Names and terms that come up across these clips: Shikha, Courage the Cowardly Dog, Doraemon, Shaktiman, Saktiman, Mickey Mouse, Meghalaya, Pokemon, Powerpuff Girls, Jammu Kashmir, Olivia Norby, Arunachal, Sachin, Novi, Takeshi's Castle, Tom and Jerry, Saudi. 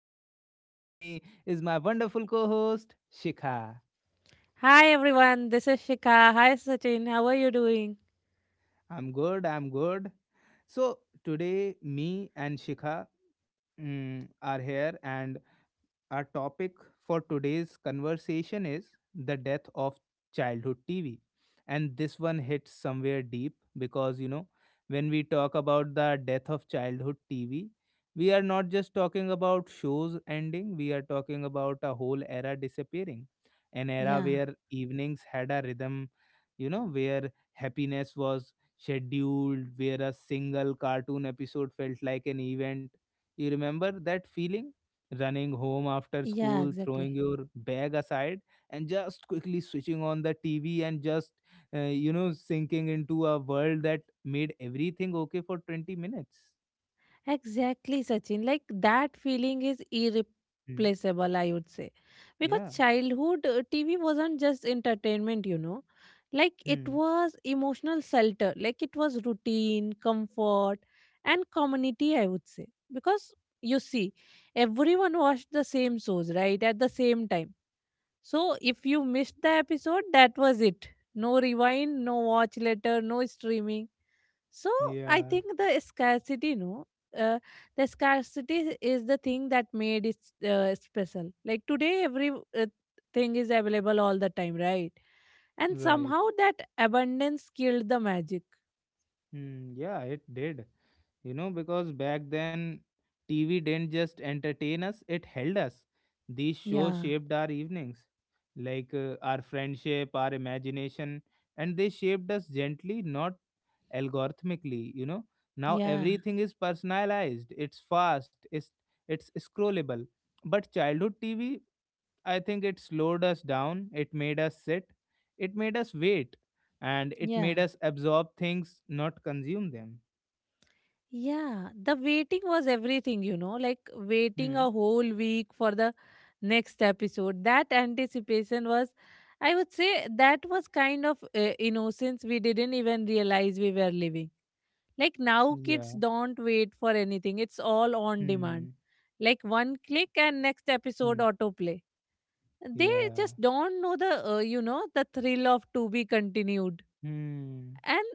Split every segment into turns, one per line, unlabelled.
Sachin, and with me is my wonderful co host, Shikha.
Hi everyone, this is Shika. Hi Sachin, how are you doing?
I'm good, I'm good. So, today, me and Shikha are here, and Our topic for today's conversation is the death of childhood TV. And this one hits somewhere deep because, you know, when we talk about the death of childhood TV, we are not just talking about shows ending, we are talking about a whole era disappearing. An era
Yeah,
where evenings had a rhythm, you know, where happiness was scheduled, where a single cartoon episode felt like an event. You remember that feeling? Running home after
yeah,
school,
exactly.
throwing your bag aside, and just quickly switching on the TV and uh, sinking into a world that made everything okay for 20 minutes.
Exactly, Sachin. Like that feeling is
Hmm.
irreplaceable, I would say. Because
Yeah.
childhood TV wasn't just entertainment. Like it
Hmm.
was emotional shelter, like it was routine, comfort, and community, I would say. Because you see, everyone watched the same shows, right, at the same time. So if you missed the episode, that was it. No rewind, no watch later, no streaming. So I
Yeah.
think the scarcity, no, uh, the scarcity is the thing that made it special. Like today, every thing is available all the time, right? And
Right.
somehow that abundance killed the magic.
Hmm. Yeah, it did. You know, because back then, TV didn't just entertain us, it held us. These shows
Yeah,
shaped our evenings, like our friendship, our imagination, and they shaped us gently, not algorithmically, you know. Now
yeah,
everything is personalized, it's fast, it's scrollable. But childhood TV, I think it slowed us down, it made us sit, it made us wait, and it made
yeah.
us absorb things, not consume them.
Yeah, the waiting was everything, you know, like waiting
Hmm.
a whole week for the next episode. That anticipation was, I would say, that was kind of innocence we didn't even realize we were living. Like now, kids
Yeah.
don't wait for anything, it's all on
Hmm.
demand. Like one click and next episode
Hmm.
autoplay. They
Yeah.
just don't know the thrill of to be continued,
Hmm.
and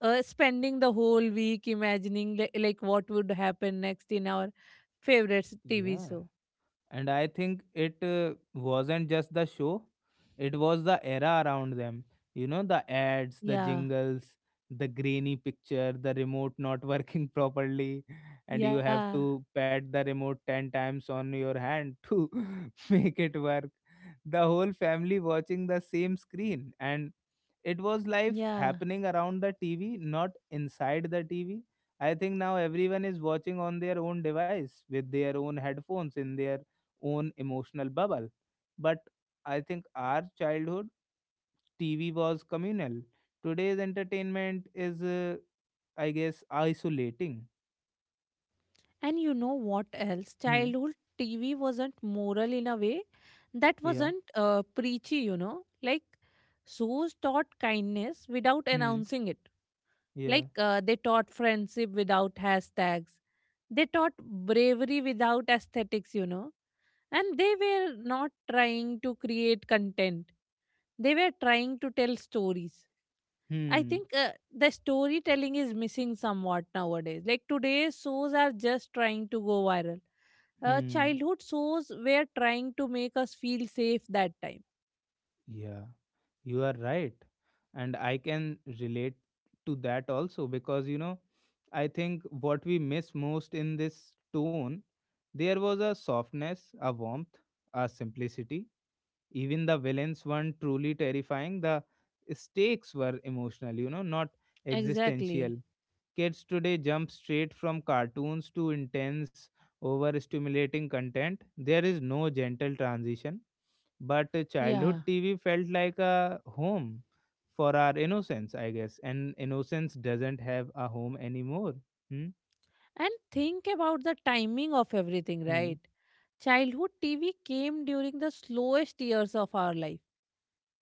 spending the whole week imagining like what would happen next in our favorite TV
Yeah,
show.
and I think it wasn't just the show, it was the era around them, you know, the ads, the
Yeah,
jingles, the grainy picture, the remote not working properly, and you have
yeah,
to pat the remote 10 times on your hand to make it work, the whole family watching the same screen. And it was life
yeah.
happening around the TV, not inside the TV. I think now everyone is watching on their own device with their own headphones in their own emotional bubble. But I think our childhood TV was communal, today's entertainment is I guess isolating.
And you know what else?
Hmm.
Childhood TV wasn't moral in a way that
Yeah.
wasn't preachy, like shows taught kindness without
Hmm.
announcing it.
Yeah.
Like they taught friendship without hashtags. They taught bravery without aesthetics. And they were not trying to create content, they were trying to tell stories. I
Hmm.
think the storytelling is missing somewhat nowadays. Like today's shows are just trying to go viral. Uh,
Hmm.
childhood shows were trying to make us feel safe that time.
Yeah. You are right. And I can relate to that also because, you know, I think what we miss most in this tone, there was a softness, a warmth, a simplicity. Even the villains weren't truly terrifying. The stakes were emotional, you know, not
Exactly.
existential. Kids today jump straight from cartoons to intense, overstimulating content. There is no gentle transition, but
Yeah.
childhood TV felt like a home for our innocence, I guess. And innocence doesn't have a home anymore. Hmm?
And think about the timing of everything,
Hmm?
right? Childhood TV came during the slowest years of our life.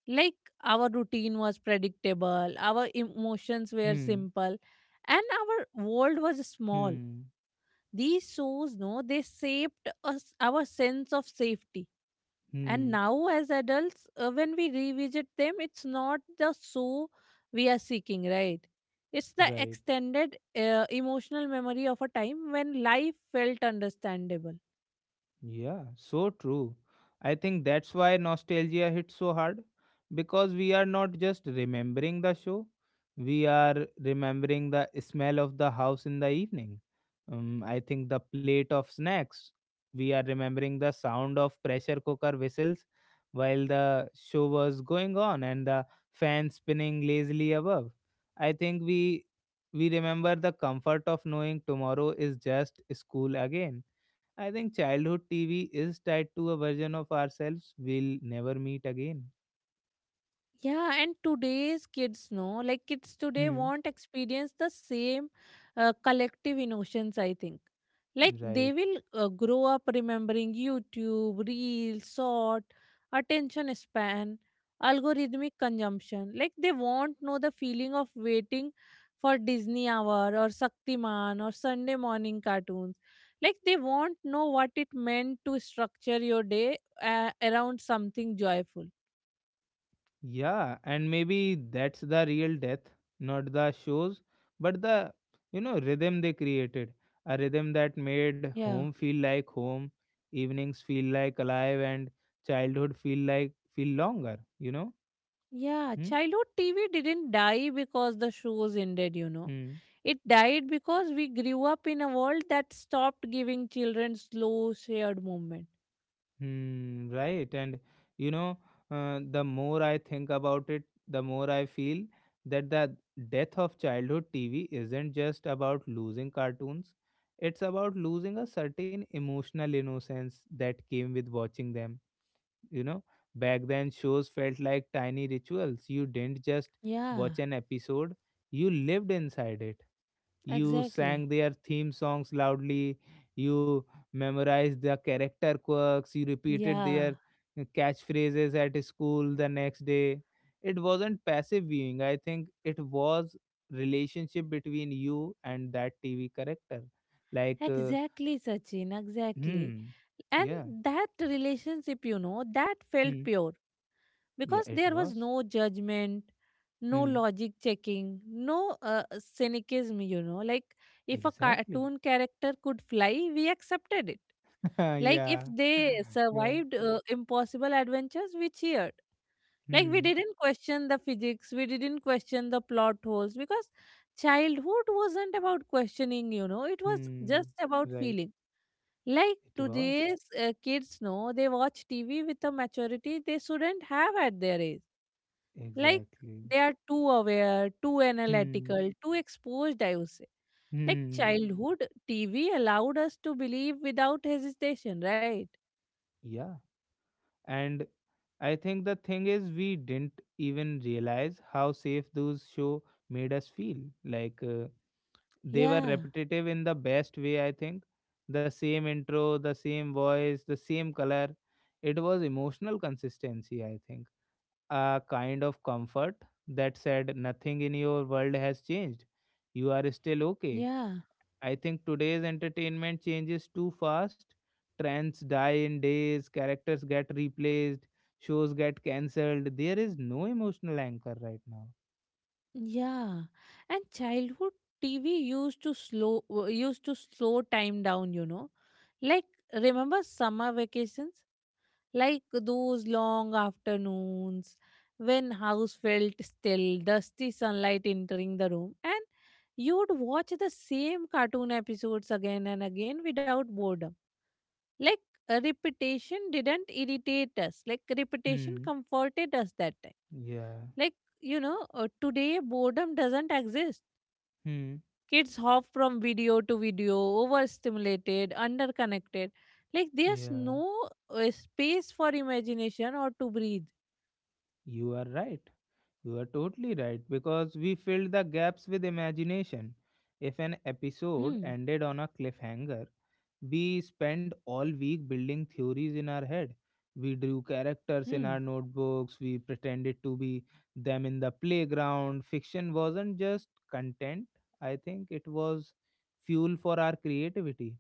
Like our routine was predictable, our emotions were
Hmm?
simple, and our world was small.
Hmm?
These shows, no, they shaped us our sense of safety. And
Hmm?
now, as adults, when we revisit them, it's not the show we are seeking, right? It's the
Right.
extended emotional memory of a time when life felt understandable.
Yeah, so true. I think that's why nostalgia hits so hard, because we are not just remembering the show, we are remembering the smell of the house in the evening. I think the plate of snacks. We are remembering the sound of pressure cooker whistles while the show was going on, and the fan spinning lazily above. I think we remember the comfort of knowing tomorrow is just school again. I think childhood TV is tied to a version of ourselves we'll never meet again.
Yeah, and today's kids know, like kids today
Hmm.
won't experience the same collective emotions, I think. Like they
Right.
will grow up remembering YouTube, Reels, short, attention span, algorithmic consumption. Like they won't know the feeling of waiting for Disney Hour or Saktiman or Sunday morning cartoons. Like they won't know what it meant to structure your day around something joyful.
Yeah, and maybe that's the real death, not the shows, but the rhythm they created, a rhythm that made
Yeah.
home feel like home, evenings feel like alive, and childhood feel like feel longer. You know.
Yeah, childhood TV didn't die because the shows ended.
Hmm.
It died because we grew up in a world that stopped giving children slow, shared movement.
Hmm, right. And you know, the more I think about it, the more I feel that the death of childhood TV isn't just about losing cartoons, it's about losing a certain emotional innocence that came with watching them. You know, back then, shows felt like tiny rituals. You didn't just
Yeah,
watch an episode, you lived inside it. You
exactly.
sang their theme songs loudly, you memorized their character quirks, you repeated
Yeah,
their catchphrases at school the next day. It wasn't passive viewing, I think it was relationship between you and that TV character. like uh,
exactly, Sachin, exactly.
hmm.
And
Yeah.
that relationship, that felt
Hmm.
pure,
Yeah.
because
It
there was
was.
no judgment, no
Hmm.
logic checking, no cynicism, you know. Like if a
Exactly.
cartoon character could fly, we accepted it. Like
Yeah.
if they
Yeah.
survived impossible adventures, we cheered. Like we
Hmm.
didn't question the physics, we didn't question the plot holes, because childhood wasn't about questioning, it was
Hmm.
just about
Right.
feeling. Like
It was.
today's kids know they watch TV with a maturity they shouldn't have at their age. Like
Exactly.
they are too aware, too
Hmm.
analytical, too exposed, I would say. Like
Hmm.
childhood TV allowed us to believe without hesitation, right?
Yeah. And I think the thing is, we didn't even realize how safe those show made us feel. Like they were
Yeah.
repetitive in the best way, I think. The same intro, the same voice, the same color. It was emotional consistency, I think. A kind of comfort that said, nothing in your world has changed. You are still okay.
Yeah,
I think today's entertainment changes too fast. Trends die in days, characters get replaced, shows get cancelled. There is no emotional anchor right now.
yeah. And childhood TV used to slow time down, you know. Like remember summer vacations? Like those long afternoons when house felt still, dusty sunlight entering the room, and you would watch the same cartoon episodes again and again without boredom. Like repetition didn't irritate us. Like repetition
Hmm.
comforted us that time.
Yeah.
Like, today boredom doesn't exist.
Hmm.
Kids hop from video to video, overstimulated, underconnected. Like, there's
Yeah.
no space for imagination or to breathe.
You are right. You are totally right, because we filled the gaps with imagination. If an
Hmm,
episode ended on a cliffhanger, we spent all week building theories in our head. We drew characters
hmm,
in our notebooks, we pretended to be them in the playground. Fiction wasn't just content, I think it was fuel for our creativity.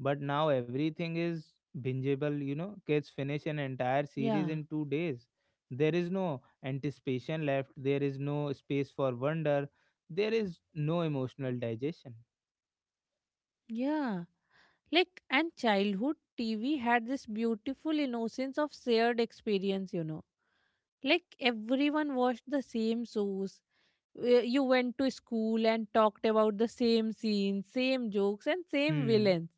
But now everything is bingeable, you know. Kids finish an entire
yeah,
series in 2 days. There is no anticipation left, there is no space for wonder, there is no emotional digestion.
yeah. Like, and childhood TV had this beautiful innocence of shared experience, like everyone watched the same shows. You went to school and talked about the same scenes, same jokes, and same
Hmm.
villains,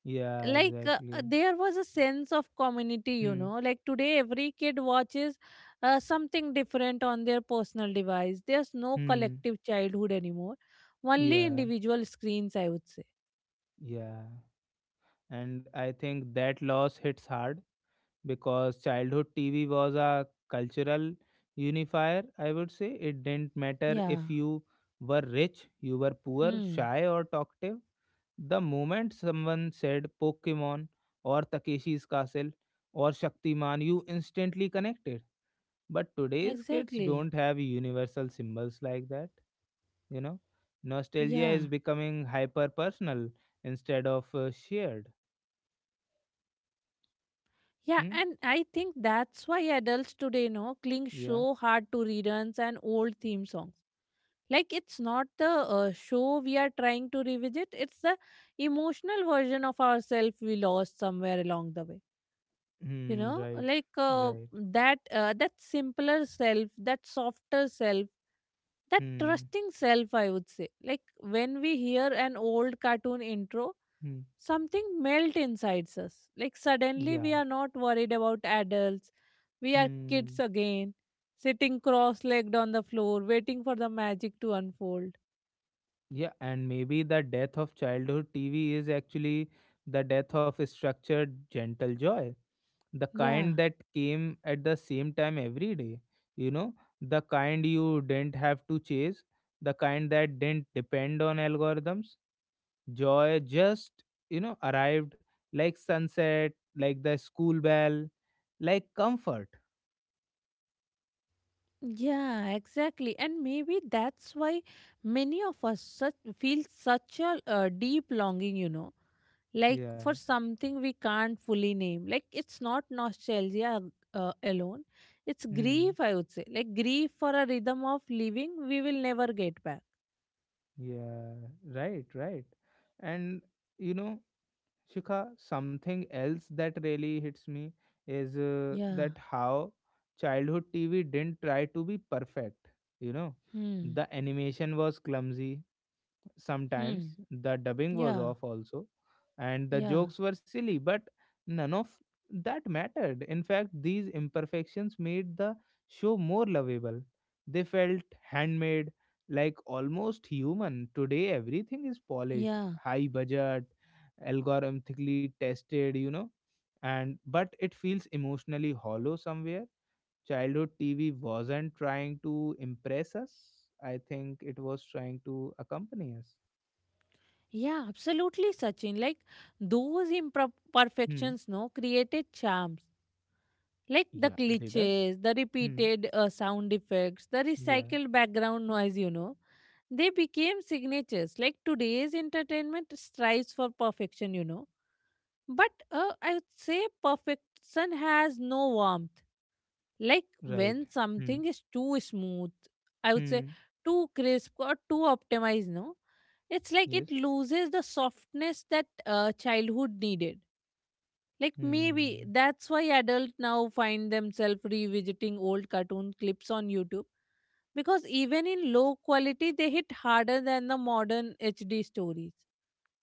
Yeah,
like
exactly.
there was a sense of community. you
Hmm.
know like today every kid watches something different on their personal device. There's no
Hmm.
collective childhood anymore, only
Yeah.
individual screens, I would say.
Yeah. And I think that loss hits hard because childhood TV was a cultural unifier, I would say. It didn't matter
Yeah,
if you were rich, you were poor,
hmm,
shy, or talkative. The moment someone said Pokemon or Takeshi's Castle or Shaktiman, you instantly connected. But today's kids
exactly,
don't have universal symbols like that. You know, nostalgia is
yeah,
becoming hyper personal instead of shared.
yeah. And I
Hmm.
think that's why adults today, you know, cling so
Yeah.
hard to reruns and old theme songs. Like it's not the show we are trying to revisit, it's the emotional version of ourselves we lost somewhere along the way, you
Hmm.
know.
Right.
Like
Right.
that simpler self, that softer self, that
Hmm.
trusting self, I would say. Like when we hear an old cartoon intro,
Hmm.
something melt inside us. Like suddenly
Yeah.
we are not worried about adults, we are kids
Hmm.
again, sitting cross-legged on the floor waiting for the magic to unfold.
Yeah, and maybe the death of childhood TV is actually the death of structured gentle joy, the
Yeah.
kind that came at the same time every day, you know, the kind you didn't have to chase, the kind that didn't depend on algorithms. Joy just, you know, arrived, like sunset, like the school bell, like comfort.
Yeah, exactly. And maybe that's why many of us such, feel such a deep longing, you know, like
Yeah.
for something we can't fully name. Like it's not nostalgia alone, it's
Hmm.
grief, I would say. Like grief for a rhythm of living we will never get back.
Yeah. Right, right. And, you know, Shikha, something else that really hits me is
Yeah.
that how childhood TV didn't try to be perfect, you know.
Hmm.
The animation was clumsy,
Hmm.
sometimes the dubbing was
Yeah.
off also, and the
Yeah.
jokes were silly, but none of that mattered. In fact, these imperfections made the show more lovable, they felt handmade, like almost human. Today everything is polished,
Yeah.
high budget, algorithmically tested, you know, and but it feels emotionally hollow somewhere. Childhood TV wasn't trying to impress us, I think it was trying to accompany us.
Yeah, absolutely, Sachin. Like those
Hmm.
imperfections, no, created charms. Like the
Yeah, they does.
glitches, the
Hmm.
repeated sound effects, the
Yeah,
recycled background noise, you know, they became signatures. Like today's entertainment strives for perfection, you know. But I would say perfection has no warmth. Like
right.
when
Hmm.
something is too smooth, I would say
Hmm.
too crisp or too optimized, no? It's like
Yes.
it loses the softness that childhood needed. Like maybe
Hmm.
that's why adults now find themselves revisiting old cartoon clips on YouTube, because even in low quality they hit harder than the modern HD stories.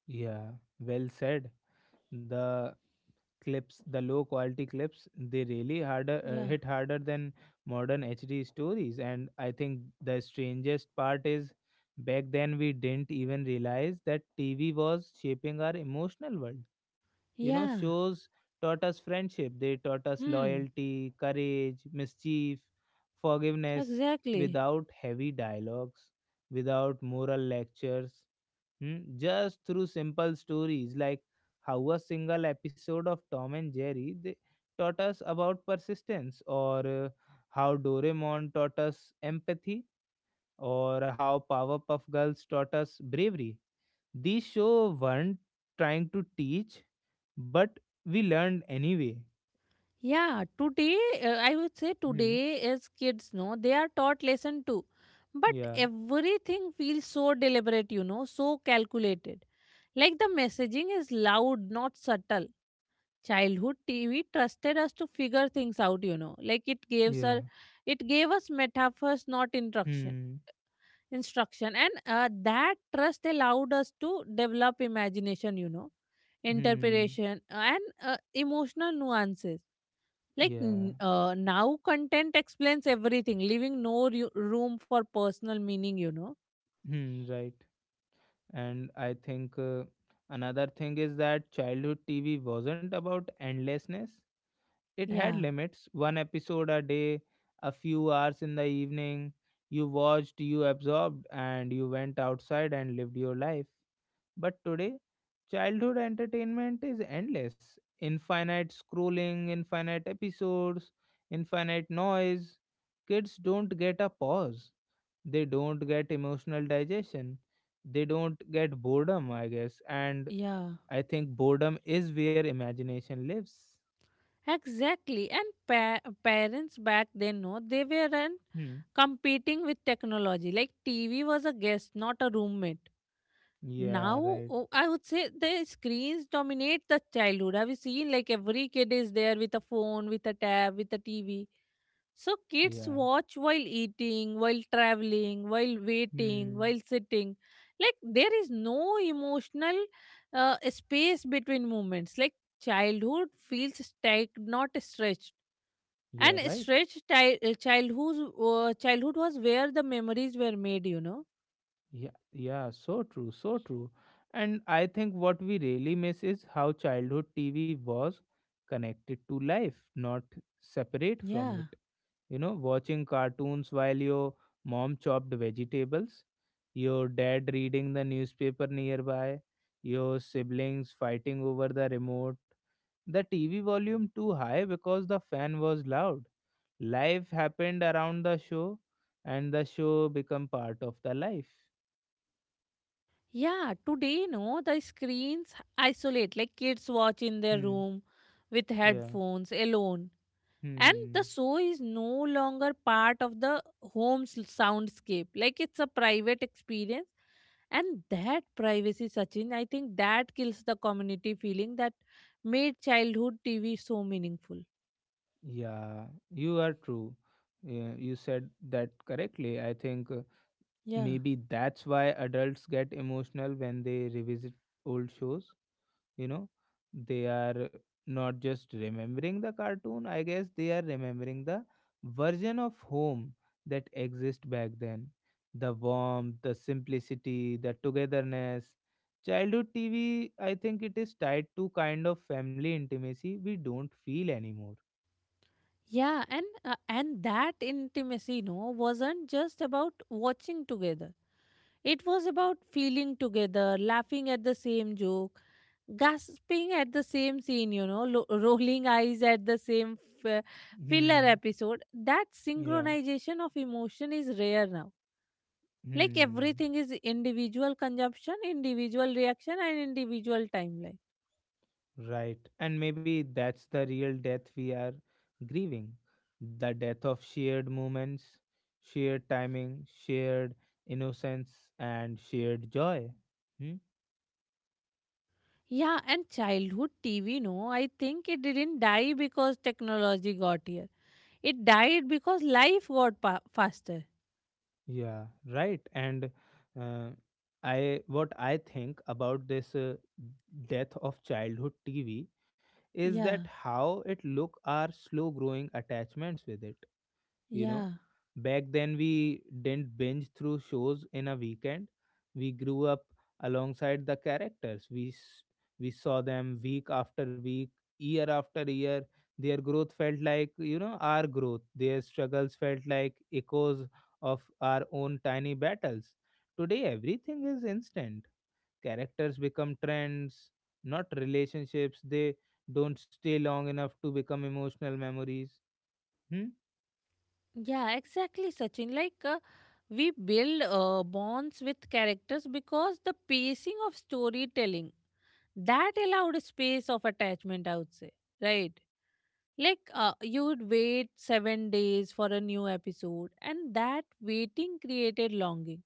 Yeah, well said. The clips, the low quality clips, they really harder
Yeah.
hit harder than modern HD stories. And I think the strangest part is back then we didn't even realize that TV was shaping our emotional world. You know,
Yeah.
shows taught us friendship, they taught us
Hmm.
loyalty, courage, mischief, forgiveness,
Exactly.
without heavy dialogues, without moral lectures, hmm, just through simple stories, like how a single episode of Tom and Jerry they taught us about persistence, or how Doraemon taught us empathy, or how Powerpuff Girls taught us bravery. The show weren't trying to teach, but we learned anyway.
Yeah, today I would say
Hmm.
today as kids no they are taught lesson too. But
Yeah.
everything feels so deliberate, you know, so calculated. Like the messaging is loud, not subtle. Childhood TV trusted us to figure things out, you know. Like
Yeah.
it gave us metaphors, not instruction.
Hmm.
Instruction, and that trust allowed us to develop imagination, you know,
Hmm.
interpretation and emotional nuances. Like
Yeah.
now, content explains everything, leaving no room for personal meaning, you know.
Hmm. Right. And I think another thing is that childhood TV wasn't about endlessness. It had
Yeah,
limits. One episode a day, a few hours in the evening. You watched, you absorbed, and you went outside and lived your life. But today, childhood entertainment is endless, infinite scrolling, infinite episodes, infinite noise. Kids don't get a pause, they don't get emotional digestion, they don't get boredom, I guess. And
yeah.
I think boredom is where imagination lives.
Exactly. And parents back then, no, they weren't
Hmm.
competing with technology. Like TV was a guest, not a roommate.
Yeah,
Now,
right.
oh, I would say the screens dominate the childhood. Have you seen like every kid is there with a phone, with a tab, with a TV? So kids
Yeah.
watch while eating, while traveling, while waiting,
Hmm.
while sitting. Like there is no emotional space between moments. Like childhood feels stacked, not stretched.
Yeah,
And
right.
stretched childhood was where the memories were made. You know.
Yeah, yeah, so true, so true. And I think what we really miss is how childhood TV was connected to life, not separate
Yeah.
from it. You know, watching cartoons while your mom chopped vegetables, your dad reading the newspaper nearby, your siblings fighting over the remote, the TV volume too high because the fan was loud. Life happened around the show, and the show become part of the life.
Yeah, today no, the screens isolate. Like kids watch in their
Hmm.
room with
Yeah.
headphones alone, and the
Hmm.
show is no longer part of the home's soundscape. Like it's a private experience, and that privacy, Sachin, I think that kills the community feeling that made childhood TV so meaningful.
Yeah, you are true. Yeah, you said that correctly. I think
Yeah,
maybe that's why adults get emotional when they revisit old shows. You know, they are not just remembering the cartoon, I guess they are remembering the version of home that exist back then, the warmth, the simplicity, the togetherness. Childhood TV, I think it is tied to kind of family intimacy we don't feel anymore.
yeah. And that intimacy, you know, wasn't just about watching together, it was about feeling together, laughing at the same joke, gasping at the same scene, you know, rolling eyes at the same f- uh, filler
Hmm.
episode. That
Yeah.
synchronization of emotion is rare now. Like
Hmm.
everything is individual consumption, individual reaction, and individual timeline.
Right. And maybe that's the real death we are grieving, the death of shared moments, shared timing, shared innocence, and shared joy. Hmm?
Yeah, and childhood TV, no, I think it didn't die because technology got here. It died because life got faster.
Yeah, right. And uh, I what I think about this death of childhood TV is that
Yeah,
how it look our slow growing attachments with it. You know,
yeah.
back then we didn't binge through shows in a weekend, we grew up alongside the characters we saw them week after week, year after year. Their growth felt like, you know, our growth, their struggles felt like echoes of our own tiny battles. Today everything is instant, characters become trends, not relationships. They don't stay long enough to become emotional memories. hmm
Yeah, exactly, Sachin. Like, we build bonds with characters because the pacing of storytelling that allowed space of attachment, I would say, right? Like, you would wait 7 days for a new episode, and that waiting created longing.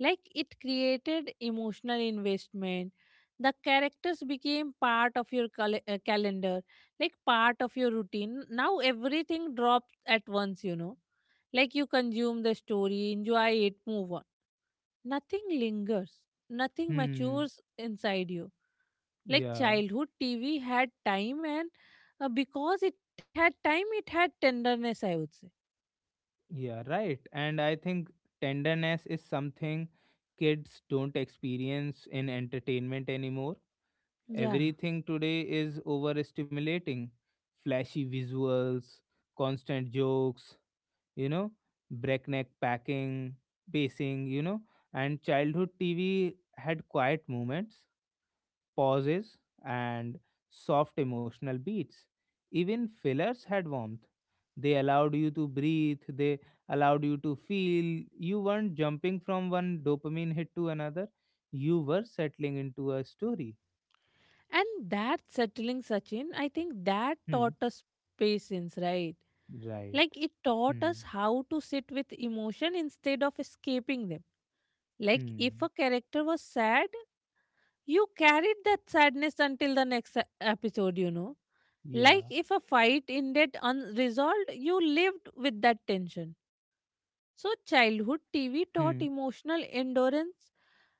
Like it created emotional investment. The characters became part of your calendar, like part of your routine. Now everything drops at once, you know. Like you consume the story, enjoy it, move on. Nothing lingers, nothing
hmm
matures inside you. Like
yeah,
childhood TV had time, and because it had time, it had tenderness, I would say.
yeah, right. And I think tenderness is something kids don't experience in entertainment anymore.
Yeah.
Everything today is overstimulating. Flashy visuals, constant jokes, you know, breakneck packing, pacing, you know, and childhood TV had quiet moments, pauses, and soft emotional beats. Even fillers had warmth. They allowed you to breathe, they allowed you to feel. You weren't jumping from one dopamine hit to another, you were settling into a story.
And that settling, Sachin, I think that
Hmm.
taught us patience, right?
Right.
Like it taught us
Hmm.
how to sit with emotion instead of escaping them. Like if a
Hmm.
character was sad, you carried that sadness until the next episode, you know.
Yeah.
Like if a fight ended unresolved, you lived with that tension. So childhood TV taught
Hmm.
emotional endurance,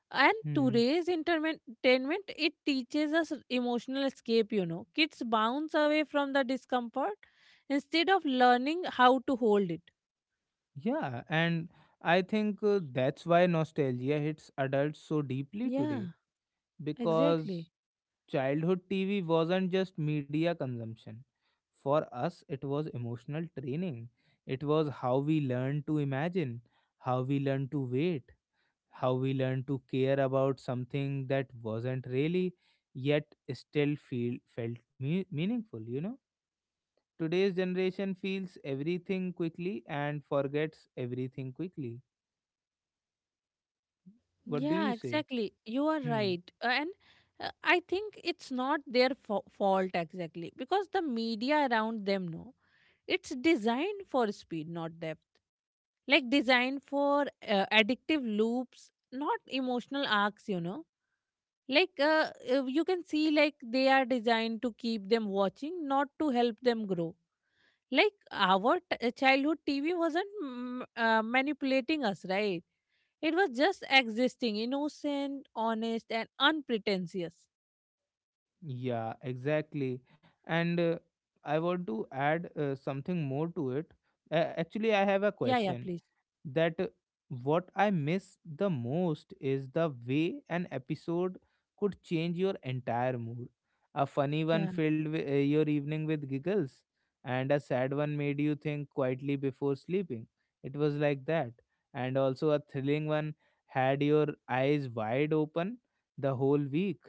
and
Hmm.
today's entertainment, it teaches us emotional escape, you know, kids bounce away from the discomfort instead of learning how to hold it.
Yeah. And I think that's why nostalgia hits adults so deeply today,
Yeah.
because
Exactly.
childhood TV wasn't just media consumption, for us it was emotional training. It was how we learned to imagine, how we learned to wait, how we learned to care about something that wasn't really yet still feel meaningful, you know. Today's generation feels everything quickly and forgets everything quickly. What do you
Yeah,
say?
exactly. You are
Hmm.
right. And I think it's not their fault exactly, because the media around them know it's designed for speed, not depth. Like designed for addictive loops, not emotional arcs, you know. Like you can see like they are designed to keep them watching, not to help them grow. Like childhood TV wasn't manipulating us, right? It was just existing, innocent, honest, and unpretentious.
Yeah, exactly. And I want to add something more to it. Actually, I have a
Yeah, please.
question, that what I miss the most is the way an episode could change your entire mood. A funny one
Yeah,
filled your evening with giggles, and a sad one made you think quietly before sleeping. It was like that. And also, a thrilling one had your eyes wide open the whole week.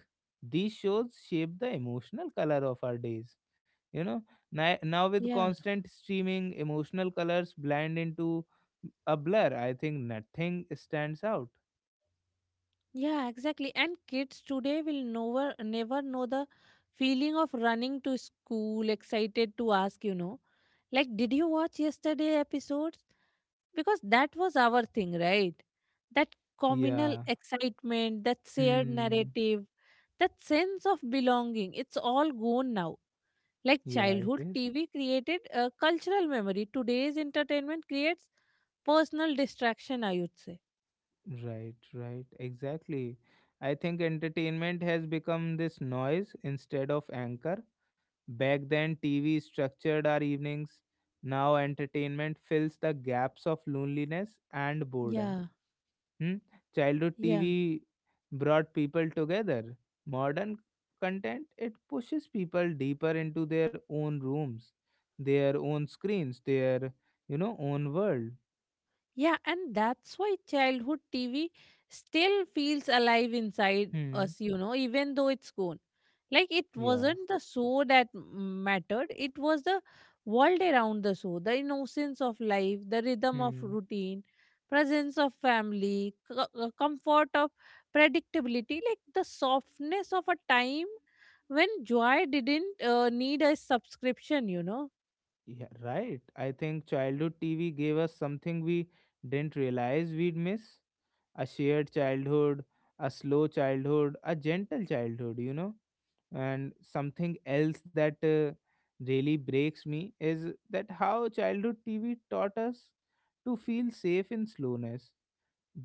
These shows shape the emotional color of our days. You know, now with
yeah,
constant streaming, emotional colors blend into a blur. I think nothing stands out.
yeah, exactly. And kids today will never, never know the feeling of running to school, excited to ask, you know, like, did you watch yesterday episodes? Because that was our thing, right? That communal
Yeah.
excitement, that shared
Hmm.
narrative, that sense of belonging, it's all gone now. Like
Yeah, it
childhood,
is.
TV created a cultural memory. Today's entertainment creates personal distraction, I would say.
Right, right. Exactly. I think entertainment has become this noise instead of anchor. Back then, TV structured our evenings. Now, entertainment fills the gaps of loneliness and boredom.
Yeah,
Hmm? Childhood
yeah,
TV brought people together. Modern content, it pushes people deeper into their own rooms, their own screens, their, you know, own world.
Yeah, and that's why childhood TV still feels alive inside
Hmm.
us, you know, even though it's gone. Like it
Yeah.
wasn't the show that mattered, it was the world around the show, the innocence of life, the rhythm of
Hmm.
routine, presence of family, comfort of predictability, like the softness of a time when joy didn't need a subscription.
Yeah, right. I think childhood TV gave us something we didn't realize we'd miss. A shared childhood, a slow childhood, a gentle childhood, you know. And something else that really breaks me is that how childhood TV taught us to feel safe in slowness.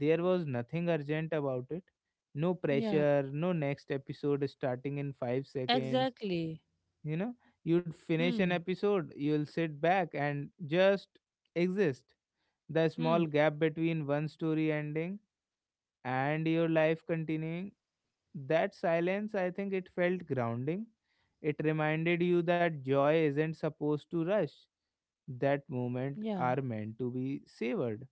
There was nothing urgent about it, no
Yeah,
pressure, no next episode starting in 5 seconds.
exactly.
You know, you'd finish an
Hmm.
episode, you'll sit back and just exist. The
Hmm.
small gap between one story ending and your life continuing, that silence, I think, it felt grounding. It reminded you that joy isn't supposed to rush, that
Yeah,
moment are meant to be savored.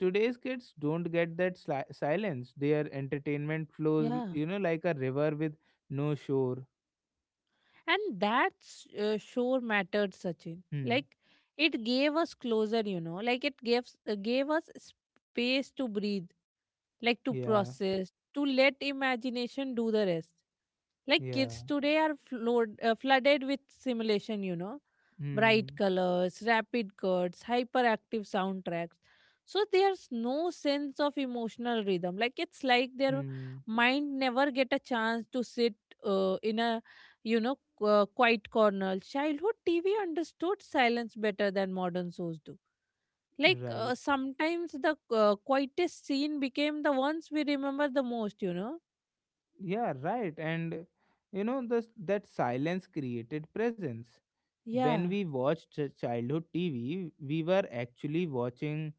Today's kids don't get that silence, their entertainment flows,
yeah,
you know, like a river with no shore.
and that sure mattered, sachin.
Hmm.
Like it gave us closure. You know, like it gave gave us space to breathe, like to
Yeah.
process, to let imagination do the rest. Like kids
Yeah.
today are flooded with simulation, you know, bright
Hmm.
colors, rapid cuts, hyperactive soundtracks. So there's no sense of emotional rhythm. Like it's like their
Hmm.
mind never get a chance to sit in a, you know, quiet corner. Childhood TV understood silence better than modern shows do. Like
Right.
sometimes the quietest scene became the ones we remember the most, you know.
Yeah, right. And you know this, that silence created presence. When
Yeah,
we watched childhood TV, we were actually watching.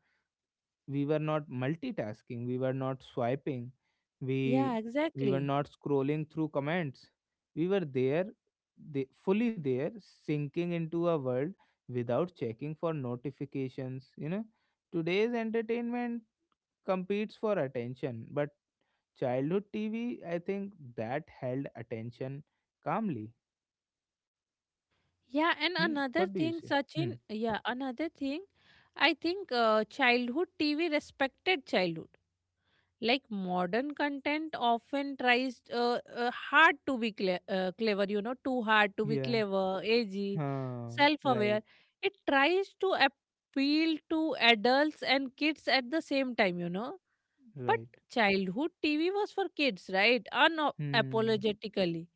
We were not multitasking, we were not swiping, we
yeah,
we were
exactly.
not scrolling through comments. We were there, the, fully there, sinking into a world without checking for notifications, you know. Today's entertainment competes for attention, but childhood TV, I think, that held attention calmly.
Yeah, and
Hmm? What
another
do you
thing,
say? Hmm.
Sachin, yeah, another thing, I think childhood TV respected childhood. Like modern content often tries hard to be clever, you know, too hard to be
Yeah.
clever, edgy,
Huh,
self
right,
aware. It tries to appeal to adults and kids at the same time, you know, but
right.
childhood TV was for kids, right?
Hmm.
Unapologetically.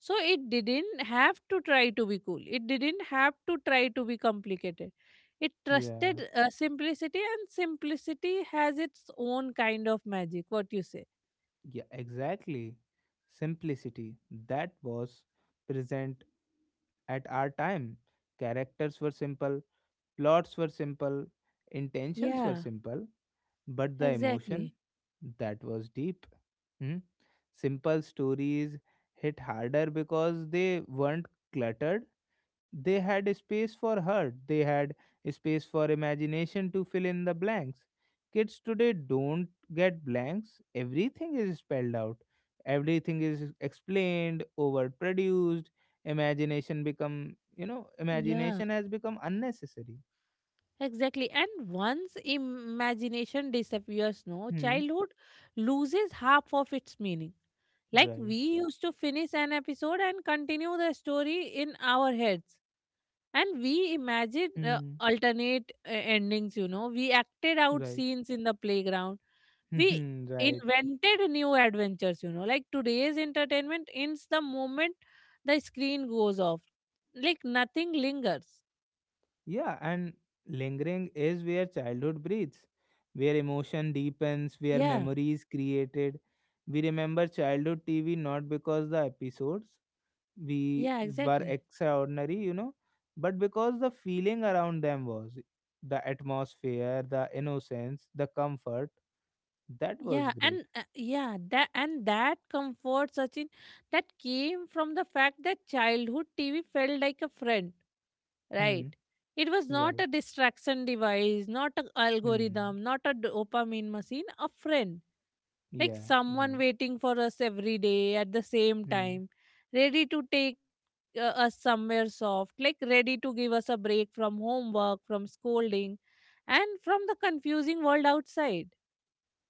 So it didn't have to try to be cool. It didn't have to try to be complicated. It
Yeah,
trusted simplicity, and simplicity has its own kind of magic. What you say?
yeah, exactly. Simplicity, that was present at our time. Characters were simple, plots were simple, intentions were
Yeah,
simple, but the emotion,
exactly.
that was deep. Hmm? Simple stories hit harder because they weren't cluttered. They had space for her, they had space for imagination to fill in the blanks. Kids today don't get blanks, everything is spelled out, everything is explained, overproduced. Imagination become, you know,
Yeah.
imagination has become unnecessary.
Exactly. And once imagination disappears, no,
Hmm.
childhood loses half of its meaning. Like
Right.
we used to finish an episode and continue the story in our heads. And we imagined
Hmm.
alternate endings, you know. We acted out
Right.
scenes in the playground. We
Right.
invented new adventures, you know. Like today's entertainment ends the moment the screen goes off. Like nothing lingers.
Yeah, and lingering is where childhood breathes, where emotion
Yeah,
deepens, where memory is created. We remember childhood TV not because the episodes
yeah,
we were
exactly.
extraordinary, you know, but because the feeling around them was the atmosphere, the innocence, the comfort. That was
Yeah,
great.
and that and that comfort, Sachin, that came from the fact that childhood TV felt like a friend,
Hmm.
right? It was not
Right.
a distraction device, not an
Hmm.
algorithm, not a dopamine machine, a friend, like
Yeah.
someone
Right.
waiting for us every day at the same
Hmm.
time, ready to take us somewhere soft, like ready to give us a break from homework, from scolding, and from the confusing world outside.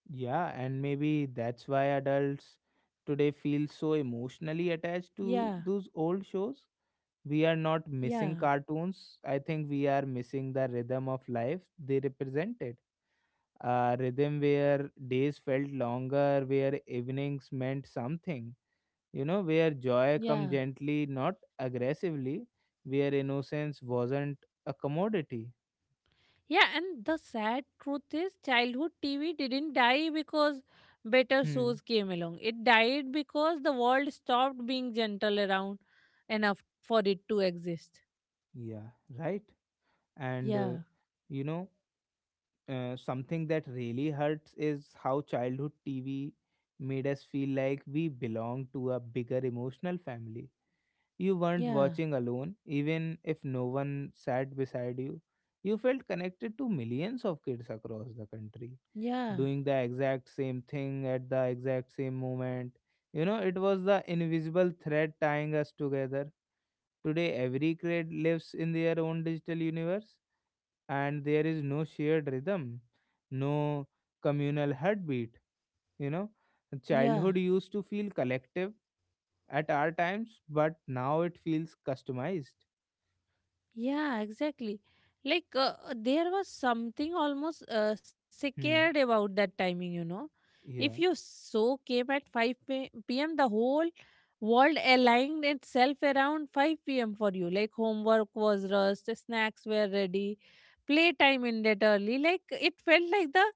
Yeah, and maybe that's why adults today feel so emotionally attached
Yeah,
to those old shows. We are not
yeah,
missing cartoons. I think we are missing the rhythm of life they represented. A rhythm where days felt longer, where evenings meant something, you know, where joy come
yeah.
gently, not aggressively, where innocence wasn't a commodity.
Yeah, and the sad truth is, childhood TV didn't die because better
Hmm.
shows came along. It died because the world stopped being gentle around enough for it to exist.
Yeah, right. And,
Yeah,
you know, something that really hurts is how childhood TV made us feel like we belonged to a bigger emotional family. You weren't
yeah,
watching alone, even if no one sat beside you. You felt connected to millions of kids across the country,
yeah,
doing the exact same thing at the exact same moment. You know, it was the invisible thread tying us together. Today, every kid lives in their own digital universe, and there is no shared rhythm, no communal heartbeat. You know,
yeah.
childhood used to feel collective at our times, but now it feels customized.
Yeah, exactly. Like there was something almost scared
Hmm.
about that timing, you know. If you
Yeah.
so came at 5 p.m., the whole world aligned itself around 5 p.m. for you. Like homework was rushed, snacks were ready, playtime ended early. Like it felt like the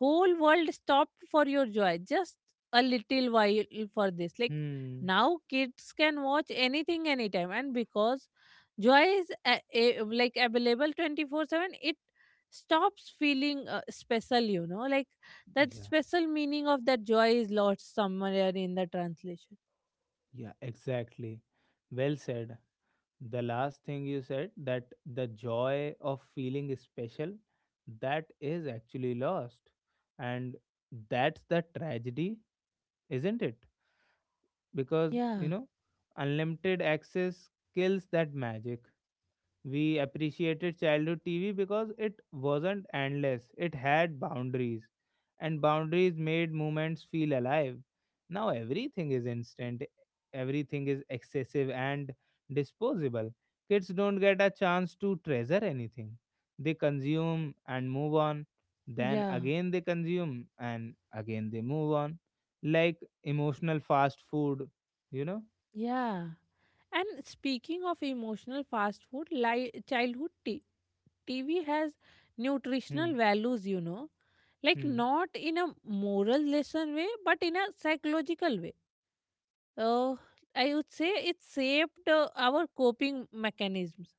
whole world stopped for your joy just a little while for this like
Hmm.
now kids can watch anything anytime, and because joy is like available 24/7, it stops feeling special, you know, like that
Yeah.
special meaning of that joy is lost somewhere in the translation.
Yeah. Exactly. Well said. The last thing you said, that the joy of feeling special, that is actually lost, and that's the tragedy, isn't it? Because
yeah
you know, unlimited access kills that magic. We appreciated childhood TV because it wasn't endless, it had boundaries, and boundaries made moments feel alive. Now everything is instant, everything is excessive and disposable. Kids don't get a chance to treasure anything. They consume and move on, then
yeah
again they consume and again they move on, like emotional fast food, you know?
Yeah. And speaking of emotional fast food, TV has
Hmm.
nutritional values, you know, like
Hmm.
not in a moral lesson way, but in a psychological way. Uh, I would say it shaped our coping mechanisms.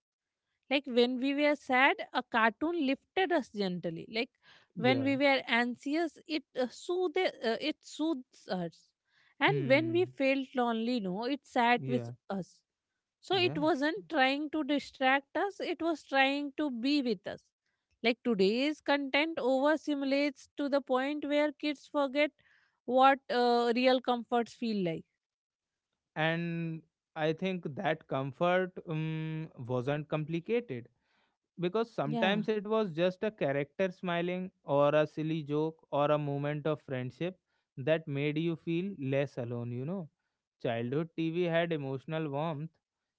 Like when we were sad, a cartoon lifted us gently. Like when we
Yeah.
were anxious, it it soothes us. And when we
Hmm.
felt lonely, no, it sat with
Yeah.
us. So it
Yeah.
wasn't trying to distract us, it was trying to be with us. Like today's content overstimulates to the point where kids forget what real comforts feel like.
And I think that comfort, wasn't complicated, because
Yeah,
sometimes it was just a character smiling, or a silly joke, or a moment of friendship that made you feel less alone, you know. Childhood TV had emotional warmth.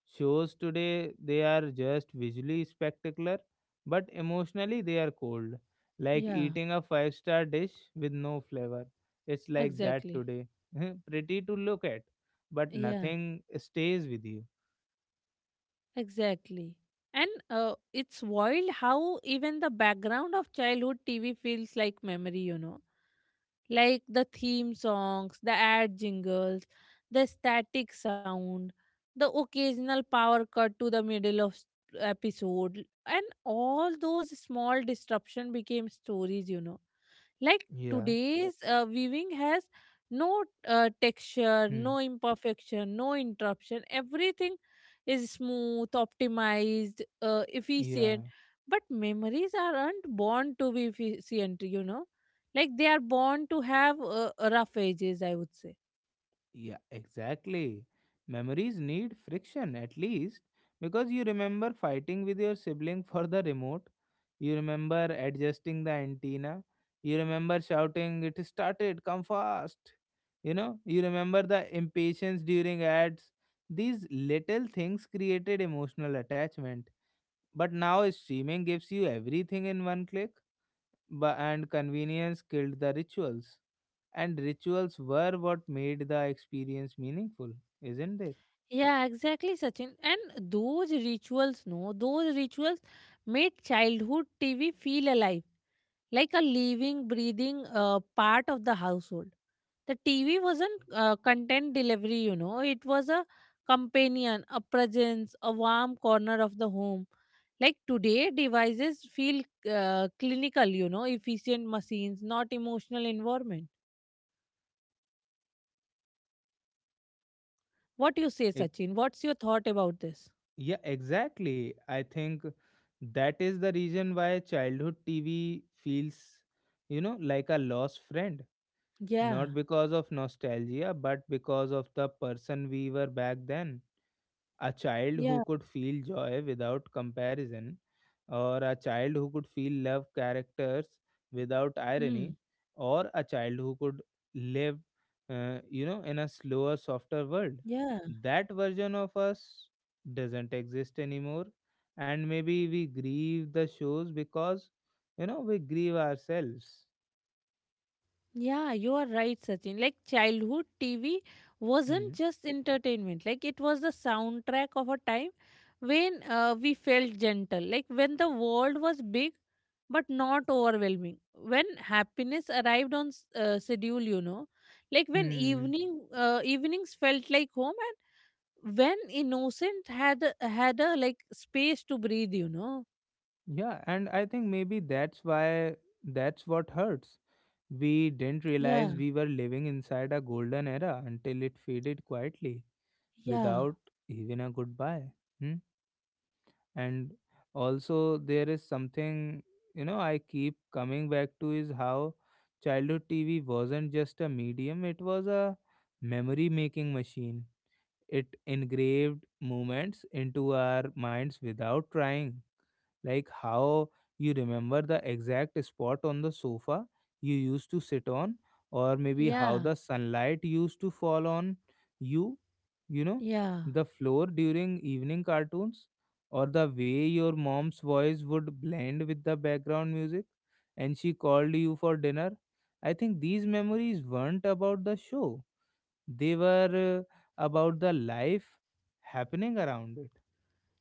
Shows today, they are just visually spectacular, but emotionally, they are cold. Like
yeah,
eating a five-star dish with no flavor. It's like that
exactly.
today. Pretty to look at, but
Yeah.
nothing stays with you.
Exactly. And it's wild how even the background of childhood TV feels like memory, you know. Like the theme songs, the ad jingles, the static sound, the occasional power cut to the middle of episode, and all those small disruption became stories, you know, like
Yeah.
today's viewing has no texture,
Hmm.
no imperfection, no interruption. Everything is smooth, optimized,
Yeah.
efficient. But memories aren't born to be efficient, you know. Like they are born to have rough edges, I would say.
Yeah, exactly. Memories need friction at least, because you remember fighting with your sibling for the remote. You remember adjusting the antenna. You remember shouting, "It is started, come fast." You know, you remember the impatience during ads. These little things created emotional attachment. But now streaming gives you everything in one click, but and convenience killed the rituals. And rituals were what made the experience meaningful, isn't it?
Yeah, exactly, Sachin. And those rituals, no, those rituals made childhood TV feel alive, like a living, breathing part of the household. The TV wasn't content delivery, you know, it was a companion, a presence, a warm corner of the home. Like today, devices feel clinical, you know, efficient machines, not emotional environment. What you say, Sachin? What's your thought about this?
Yeah, exactly. I think that is the reason why childhood TV feels, you know, like a lost friend. Not
Yeah.
because of nostalgia, but because of the person we were back then, a child who
Yeah.
could feel joy without comparison, or a child who could feel love characters without
Hmm.
irony, or a child who could live, you know, in a slower, softer world.
Yeah.
That version of us doesn't exist anymore, and maybe we grieve the shows because, you know, we grieve ourselves.
Yeah, you are right, Sachin. Like childhood TV wasn't
Hmm.
just entertainment. Like it was the soundtrack of a time when we felt gentle. Like when the world was big but not overwhelming. When happiness arrived on schedule, you know. Like when
Hmm.
evenings felt like home, and when innocent had had a like space to breathe, you know.
Yeah, and I think maybe that's why, that's what hurts. We didn't
Yeah.
realize we were living inside a golden era until it faded quietly
Yeah.
without even a goodbye. Hmm? And also, there is something, you know, I keep coming back to is how childhood TV wasn't just a medium, it was a memory making machine. It engraved moments into our minds without trying, like how you remember the exact spot on the sofa you used to sit on, or maybe how
Yeah.
the sunlight used to fall on you, you know,
Yeah.
the floor during evening cartoons, or the way your mom's voice would blend with the background music and she called you for dinner. I think these memories weren't about the show, they were about the life happening around it.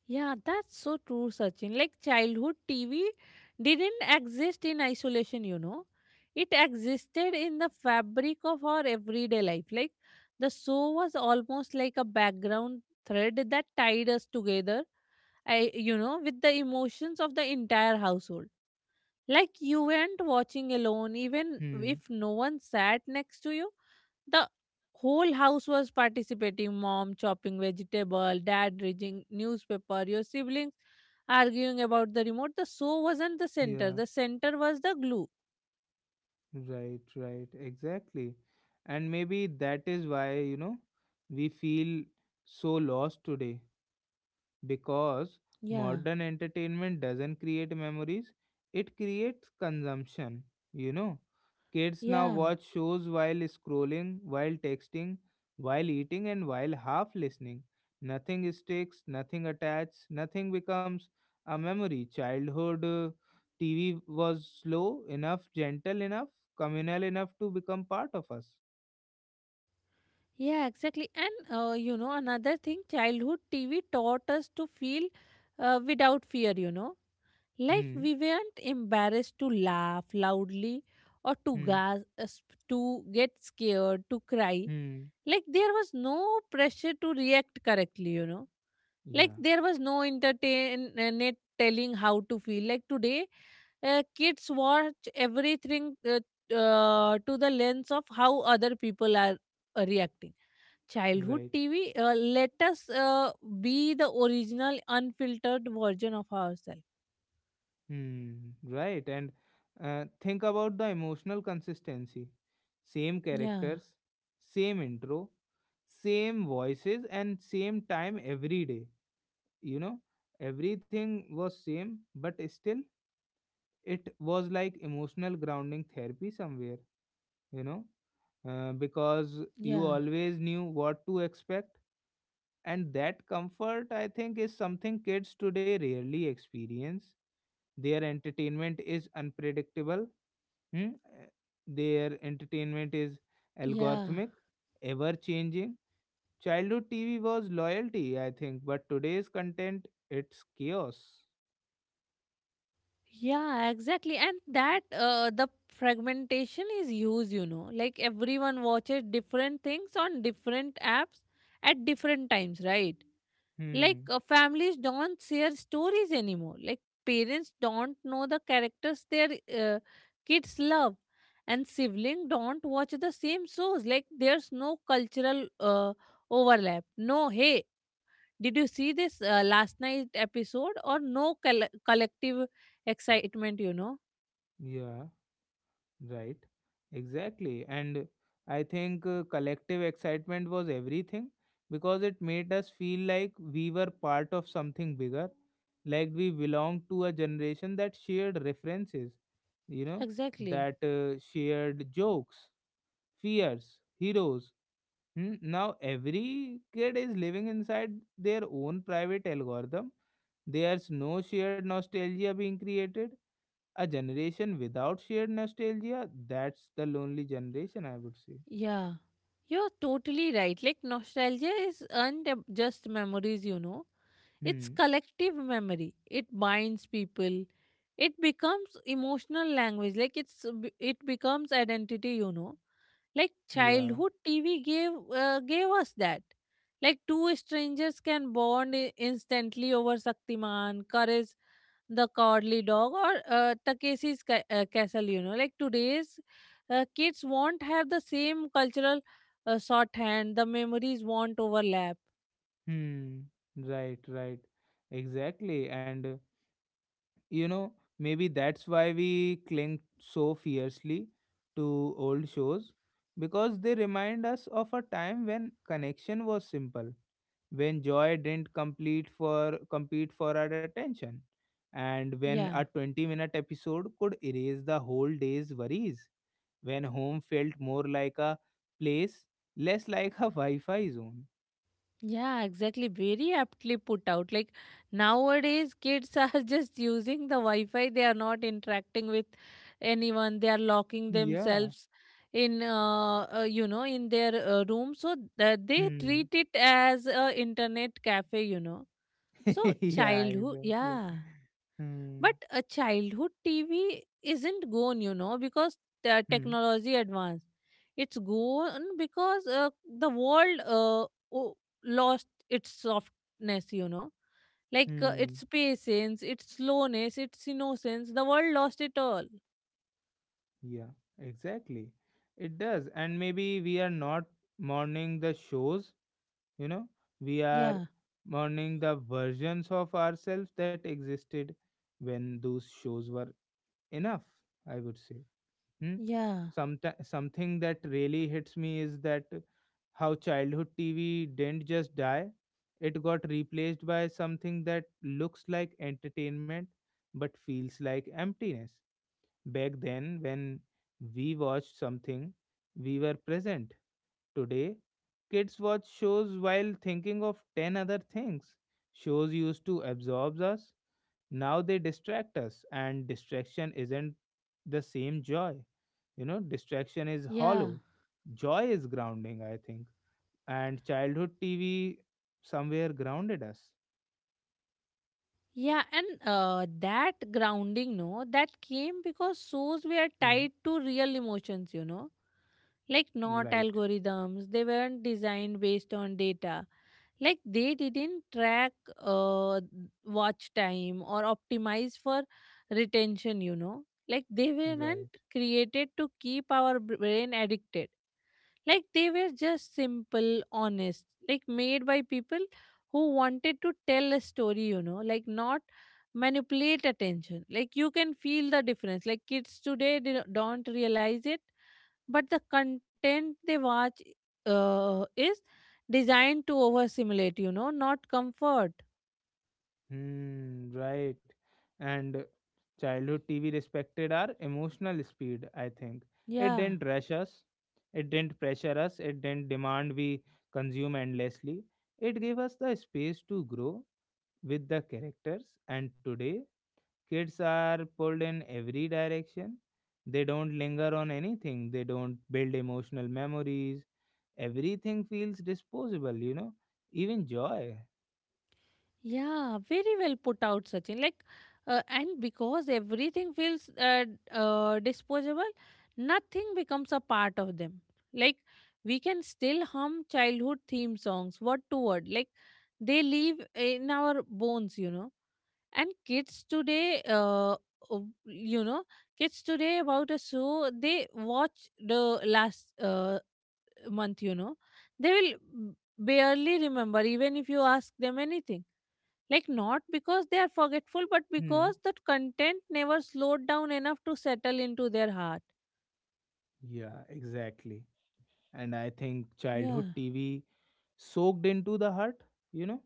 Yeah, that's so true, Sachin. Like childhood TV didn't exist in isolation, you know. It existed in the fabric of our everyday life. Like the show was almost like a background thread that tied us together, I, you know, with the emotions of the entire household. Like you weren't watching alone, even
Hmm.
if no one sat next to you. The whole house was participating, mom chopping vegetable, dad reading newspaper, your siblings arguing about the remote. The show wasn't
Yeah.
the center was the glue.
Right, right, exactly. And maybe that is why, you know, we feel so lost today because
Yeah,
modern entertainment doesn't create memories, it creates consumption. You know, kids now
yeah,
watch shows while scrolling, while texting, while eating, and while half listening. Nothing sticks, nothing attached, nothing becomes a memory. Childhood TV was slow enough, gentle enough, communal enough to become part of us.
yeah, exactly. And you know, another thing, childhood TV taught us to feel without fear, you know, like
Hmm.
we weren't embarrassed to laugh loudly or to
Hmm.
gasp, to get scared, to cry.
Hmm.
Like there was no pressure to react correctly, you know. Like
Yeah,
there was no internet telling how to feel. Like today, kids watch everything to the lens of how other people are reacting. Childhood
right.
TV, let us be the original, unfiltered version of ourselves.
Hmm, right. And think about the emotional consistency. Same
Yeah,
characters, same intro, same voices, and same time every day. You know, everything was same, but still, it was like emotional grounding therapy somewhere, you know, because you
yeah,
always knew what to expect. And that comfort, I think, is something kids today rarely experience. Their entertainment is unpredictable. Hmm? Their entertainment is
yeah.
algorithmic, ever changing. Childhood TV was loyalty, I think, but today's content, it's chaos.
Yeah, exactly. And that the fragmentation is huge, you know. Like everyone watches different things on different apps at different times, right? Like
Hmm.
families don't share stories anymore. Like parents don't know the characters their uh, kids love, and siblings don't watch the same shows. Like there's no cultural overlap. No, hey, did you see this last night episode or no collective excitement, you know?
Yeah, right. Exactly. And I think collective excitement was everything, because it made us feel like we were part of something bigger, like we belonged to a generation that shared references, you know,
Exactly.
that shared jokes, fears, heroes. Hmm? Now every kid is living inside their own private algorithm. There's no shared nostalgia being created. A generation without shared nostalgia, that's the lonely generation, I would say.
Yeah. You're totally right. Like nostalgia is aren't ab- just memories, you know. It's
Hmm.
collective memory. It binds people. It becomes emotional language. Like it becomes identity, you know. Like
Yeah.
childhood TV gave gave us that, like two strangers can bond instantly over Saktiman, Courage the Cowardly Dog, or Takeshi's Castle, you know, like today's kids won't have the same cultural shorthand, the memories won't overlap.
Hmm. Right, right. Exactly. And you know, maybe that's why we cling so fiercely to old shows because they remind us of a time when connection was simple, when joy didn't complete for compete for our attention, and
Yeah,
when a 20-minute episode could erase the whole day's worries, when home felt more like a place, less like a wi-fi zone.
Yeah, exactly. Very aptly put out. Like nowadays, kids are just using the Wi Fi, they are not interacting with anyone, they are locking
Yeah.
themselves in you know, in their room, so they
Hmm.
treat it as a internet cafe, you know. So
Yeah,
childhood
exactly.
yeah
Hmm.
but a childhood TV isn't gone, you know, because the
Hmm.
technology advanced. It's gone because the world o- lost its softness, you know, like
Hmm.
its patience, its slowness, its innocence. The world lost it all.
Yeah, exactly, it does. And maybe we are not mourning the shows, you know we
Yeah,
are mourning the versions of ourselves that existed when those shows were enough, I would say. Hmm?
yeah,
Something that really hits me is that how childhood TV didn't just die, it got replaced by something that looks like entertainment but feels like emptiness. Back then when we watched something we were present. Today, kids watch shows while thinking of 10 other things. Shows used to absorb us, now they distract us, and distraction isn't the same joy. Distraction is
yeah.
hollow, joy is grounding, I think. And childhood TV somewhere grounded us.
Yeah, and that grounding, no, that came because shows were
Hmm.
tied to real emotions, you know, like not
Right,
algorithms. They weren't designed based on data. Like they didn't track uh, watch time or optimize for retention, you know. Like they weren't
right.
created to keep our brain addicted. Like they were just simple, honest, like made by people who wanted to tell a story, you know, like not manipulate attention. Like you can feel the difference. Like kids today they don't realize it, but the content they watch is designed to overstimulate, you know, not comfort.
Hmm, right. And childhood TV respected our emotional speed, I think. It
Yeah.
didn't rush us, it didn't pressure us, it didn't demand we consume endlessly. It gave us the space to grow with the characters. And today, kids are pulled in every direction. They don't linger on anything, they don't build emotional memories. Everything feels disposable, even joy.
Yeah, very well put out, Sachin. And because everything feels disposable, nothing becomes a part of them. Like, we can still hum childhood theme songs word to word. Like, they live in our bones, you know. And kids today, o- you know, kids today about a show they watch the last month, they will barely remember even if you ask them anything like, not because they are forgetful, but
Hmm,
because that content never slowed down enough to settle into their heart.
yeah, exactly. And I think
Yeah,
childhood TV soaked into the heart, you know.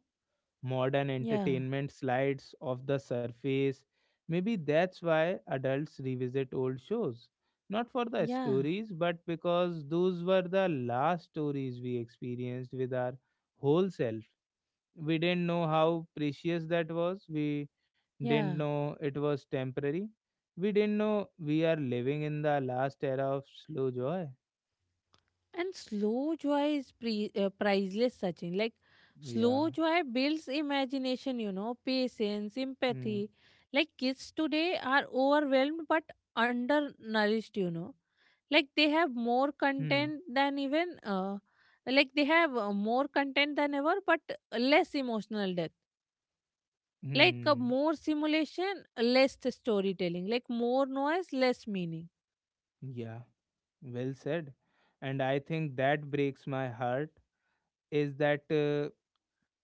Modern
yeah,
entertainment slides off the surface. Maybe that's why adults revisit old shows. Not for the
yeah,
stories, but because those were the last stories we experienced with our whole self. We didn't know how precious that was. We didn't
yeah.
know it was temporary. We didn't know we are living in the last era of slow joy.
And slow joy is priceless, Sachin. Like,
Yeah.
slow joy builds imagination, you know, patience,
Hmm.
empathy. Like, kids today are overwhelmed but undernourished, you know. Like, they have more
Hmm.
content than even, uh, like, they have more content than ever, but less emotional depth. Like
Hmm.
more simulation, less storytelling. Like more noise, less meaning.
Yeah. Well said. And I think that breaks my heart is that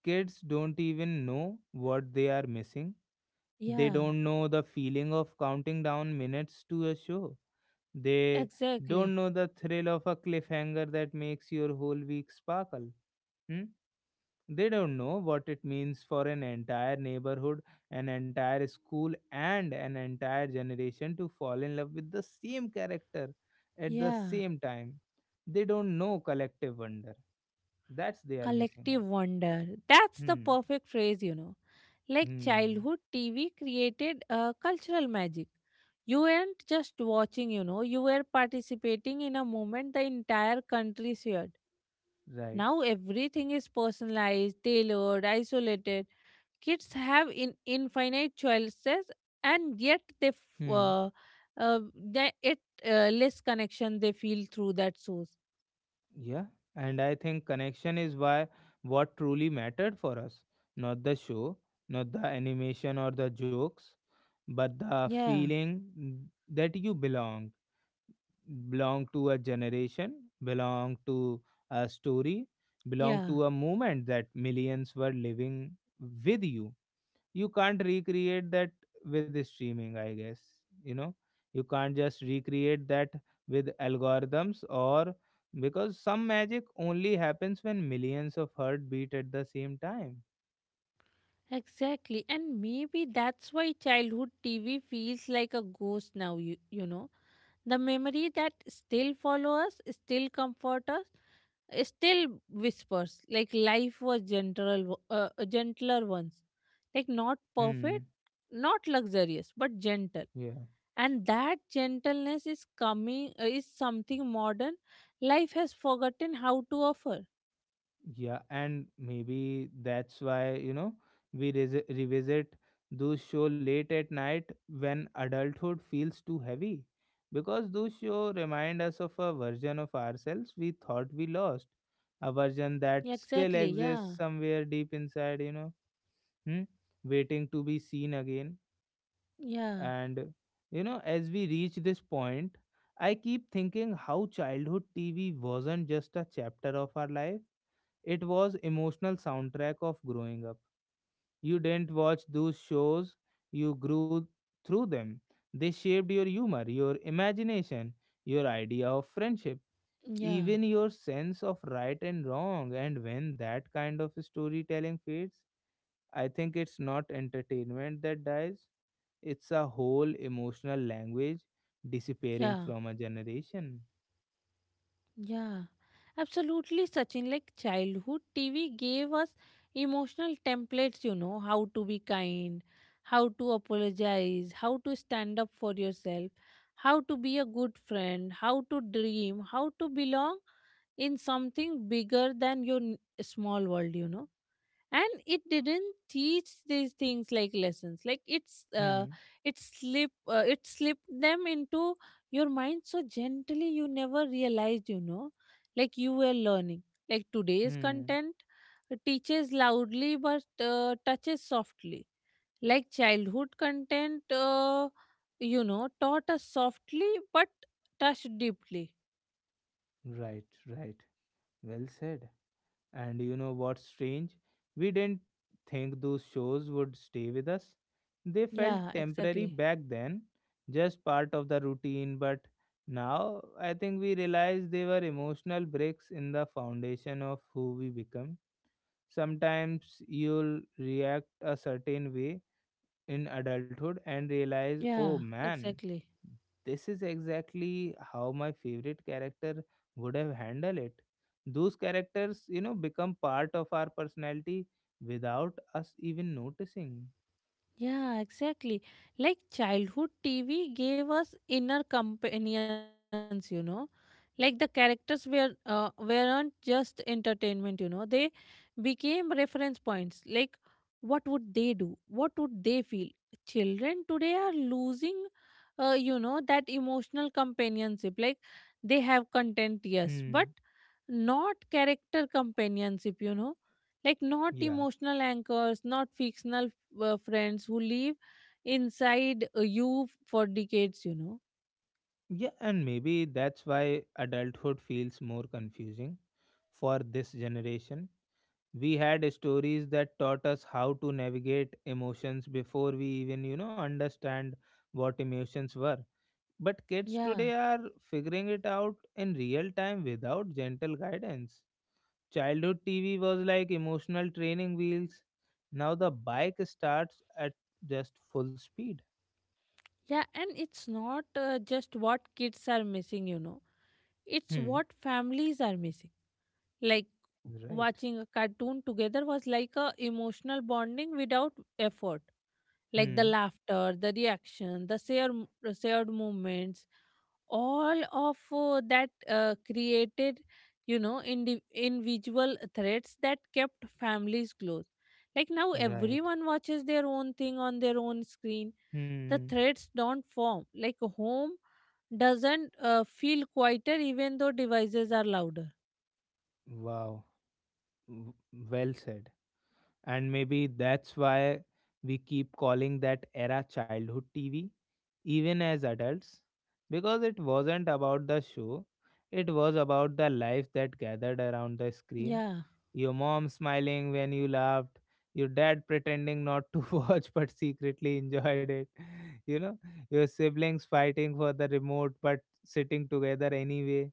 kids don't even know what they are missing. They
Yeah,
don't know the feeling of counting down minutes to a show. They don't
exactly,
know the thrill of a cliffhanger that makes your whole week sparkle. Hmm. They don't know what it means for an entire neighborhood, an entire school, and an entire generation to fall in love with the same character at the
yeah.
same time. They don't know collective wonder. That's they are missing
Collective
out.
wonder. That's the
Hmm.
perfect phrase, you know. Like
Hmm.
childhood TV created a cultural magic. You weren't just watching, you know, you were participating in a moment the entire country shared.
Right.
Now everything is personalized, tailored, isolated. Kids have in infinite choices, and yet they f-
Hmm.
uh, they, it less connection they feel through that source.
Yeah. And I think connection is why what truly mattered for us. Not the show, not the animation or the jokes, but the
Yeah,
feeling, that you belong to a generation, belong to a story, belong
yeah,
to a moment that millions were living with you. You can't recreate that with streaming, I guess. You know, you can't just recreate that with algorithms or because some magic only happens when millions of heart beat at the same time.
exactly. And maybe that's why childhood TV feels like a ghost now. You know the memory that still follow us, still comfort us, still whispers like life was gentler, gentler once, like not perfect,
Hmm.
not luxurious, but gentle.
Yeah.
And that gentleness is coming is something modern life has forgotten how to offer.
Yeah, and maybe that's why, we revisit those show late at night when adulthood feels too heavy. Because those show remind us of a version of ourselves we thought we lost. A version that
Exactly,
still
yeah.
exists somewhere deep inside, hmm? Waiting to be seen again.
yeah
And, as we reach this point, I keep thinking how childhood TV wasn't just a chapter of our life, it was emotional soundtrack of growing up. You didn't watch those shows, you grew through them. They shaped your humor, your imagination, your idea of friendship,
yeah
even your sense of right and wrong. And when that kind of storytelling fades, I think it's not entertainment that dies, it's a whole emotional language disappearing
yeah
from a generation.
yeah absolutely, Sachin. Like childhood TV gave us emotional templates, you know, how to be kind, how to apologize, how to stand up for yourself, how to be a good friend, how to dream, how to belong in something bigger than your small world, you know. And it didn't teach these things like lessons.
Hmm,
It slipped them into your mind so gently you never realized, you know, like you were learning. Like today's
hmm.
content teaches loudly but touches softly. Like childhood content, you know, taught us softly but touched deeply.
Right, right. Well said. And you know what's strange? We didn't think those shows would stay with us. They felt
yeah
temporary
exactly
back then, just part of the routine, but now I think we realize they were emotional bricks in the foundation of who we become. Sometimes you'll react a certain way in adulthood and realize, oh
yeah
man,
exactly
this is exactly how my favorite character would have handled it. Those characters, become part of our personality without us even noticing.
Yeah, exactly. Like childhood TV gave us inner companions, you know. Like the characters weren't just entertainment, you know. They became reference points. Like what would they do? What would they feel? Children today are losing, that emotional companionship. Like they have content, yes, but
Hmm.
not character companionship, you know. Like not
Yeah.
emotional anchors, not fictional friends who live inside you for decades, you know.
Yeah, and maybe that's why adulthood feels more confusing for this generation. We had stories that taught us how to navigate emotions before we even, understand what emotions were. But kids
Yeah.
today are figuring it out in real time without gentle guidance. Childhood TV was like emotional training wheels. Now the bike starts at just full speed.
Yeah, and it's not just what kids are missing, you know, it's
Hmm.
what families are missing. Like
Right.
watching a cartoon together was like a emotional bonding without effort, like the
Hmm.
laughter, the reaction, shared moments, all of that created, you know, individual threads that kept families close. Like now,
Right.
everyone watches their own thing on their own screen. The
Hmm.
threads don't form. Like home doesn't feel quieter, even though devices are louder.
Wow. W- Well said. And maybe that's why we keep calling that era childhood TV. even as adults, because it wasn't about the show, it was about the life that gathered around the screen.
Yeah.
Your mom smiling when you laughed, your dad pretending not to watch but secretly enjoyed it, you know, your siblings fighting for the remote but sitting together anyway.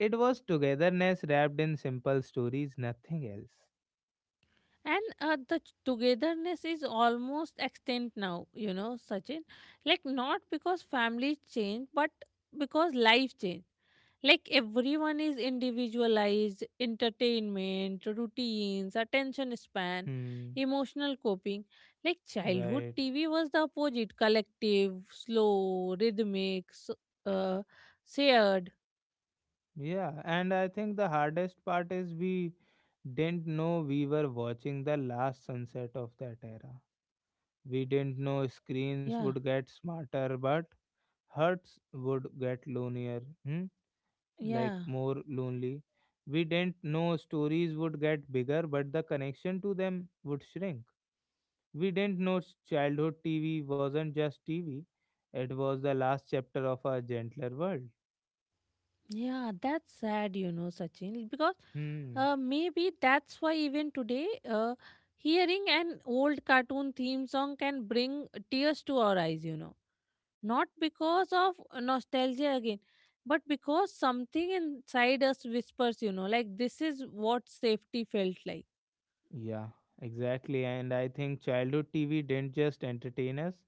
It was togetherness wrapped in simple stories, nothing else.
And togetherness is almost extinct now, you know, Sachin. Like, not because families change, but because life change. Like, everyone is individualized, entertainment, routines, attention span,
Hmm,
emotional coping. Like, childhood
right.
TV was the opposite collective, slow, rhythmic, s uh, shared.
Yeah, and I think the hardest part is we didn't know we were watching the last sunset of that era. We didn't know
Yeah,
screens would get smarter, but hearts would get lonelier, hmm?
yeah.
Like more lonely. We didn't know stories would get bigger, but the connection to them would shrink. We didn't know childhood TV wasn't just TV, it was the last chapter of a gentler world.
Yeah, that's sad, you know, Sachin, because
Hmm.
maybe that's why even today, hearing an old cartoon theme song can bring tears to our eyes, you know. Not because of nostalgia again, but because something inside us whispers, you know, like this is what safety felt like.
Yeah, exactly. And I think childhood TV didn't just entertain us,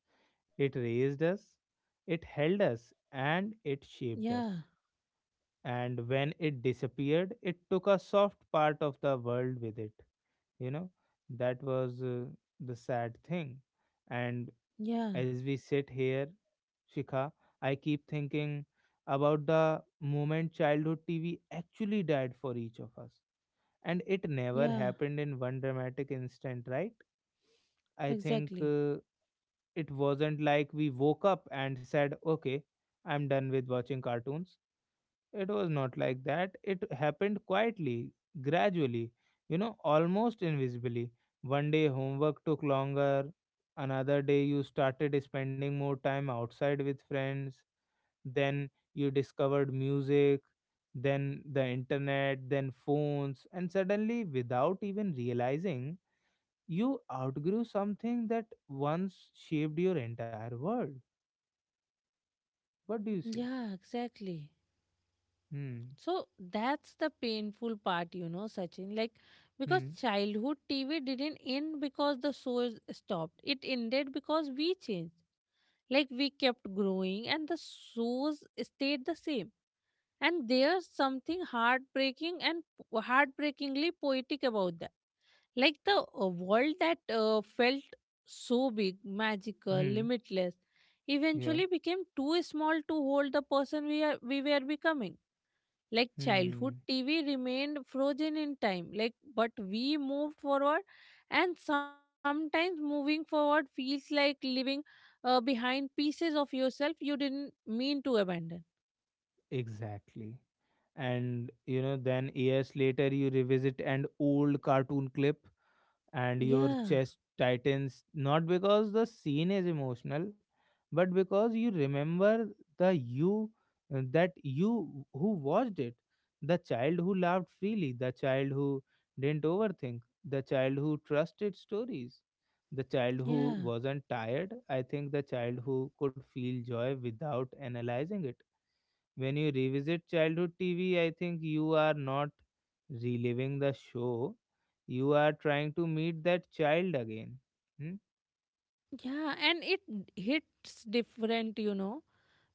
it raised us, it held us, and it shaped
Yeah,
us. And when it disappeared, it took a soft part of the world with it. You know, that was the sad thing. And
yeah,
as we sit here, Shikha, I keep thinking about the moment childhood TV actually died for each of us. And it never
yeah,
happened in one dramatic instant, right? I think
exactly.
it wasn't like we woke up and said, okay, I'm done with watching cartoons. It was not like that. It happened quietly, gradually, almost invisibly. One day homework took longer. Another day you started spending more time outside with friends. Then you discovered music, then the internet, then phones. And suddenly, without even realizing, you outgrew something that once shaped your entire world. What do you say?
Yeah, exactly.
Hmm.
So that's the painful part, you know, Sachin. Like, because
Hmm.
childhood TV didn't end because the shows stopped, it ended because we changed. Like, we kept growing and the shows stayed the same. And there's something heartbreaking and heartbreakingly poetic about that. Like, the world that felt so big, magical,
Hmm.
limitless,
Yeah.
eventually became too small to hold the person we were becoming. Like childhood
Hmm.
TV remained frozen in time, like, but we moved forward, and sometimes moving forward feels like leaving behind pieces of yourself you didn't mean to abandon.
Exactly. And then years later, you revisit an old cartoon clip and your
Yeah,
chest tightens, not because the scene is emotional but because you remember the you, that you who watched it, the child who laughed freely, the child who didn't overthink, the child who trusted stories, the child who
yeah.
wasn't tired, I think, the child who could feel joy without analyzing it. When you revisit childhood TV, I think you are not reliving the show. You are trying to meet that child again. Hmm?
Yeah, and it hits different, you know,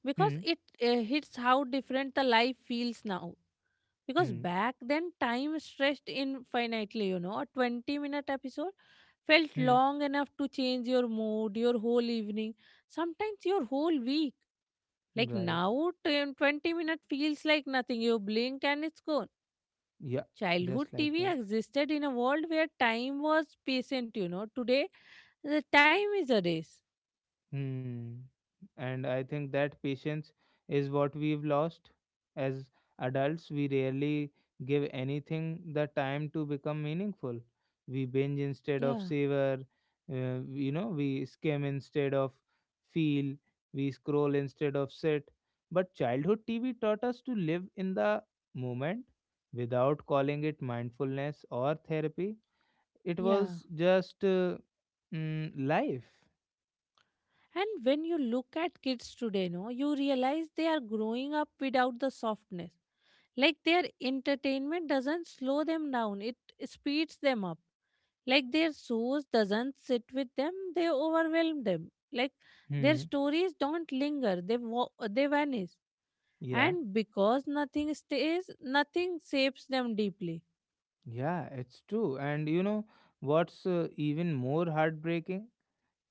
because
Hmm?
it hits how different the life feels now, because
Hmm?
back then time stretched infinitely, you know, a 20-minute episode felt
Hmm?
long enough to change your mood, your whole evening, sometimes your whole week. Like
Right.
now 10 20-minute feels like nothing, you blink and it's gone.
Yeah,
Childhood
just like
TV
that.
existed in a world where time was patient, you know. Today the time is a race.
Hmm. And I think that patience is what we've lost. As adults, we rarely give anything the time to become meaningful. We binge instead of
Yeah,
savor, we skim instead of feel, we scroll instead of sit. But childhood TV taught us to live in the moment without calling it mindfulness or therapy. It
yeah.
was just life.
And when you look at kids today, no, you realize they are growing up without the softness. Like their entertainment doesn't slow them down, it speeds them up. Like their shows doesn't sit with them, they overwhelm them. Like their
Hmm.
stories don't linger, they vanish.
Yeah.
And because nothing stays, nothing shapes them deeply.
Yeah, it's true. And you know what's even more heartbreaking?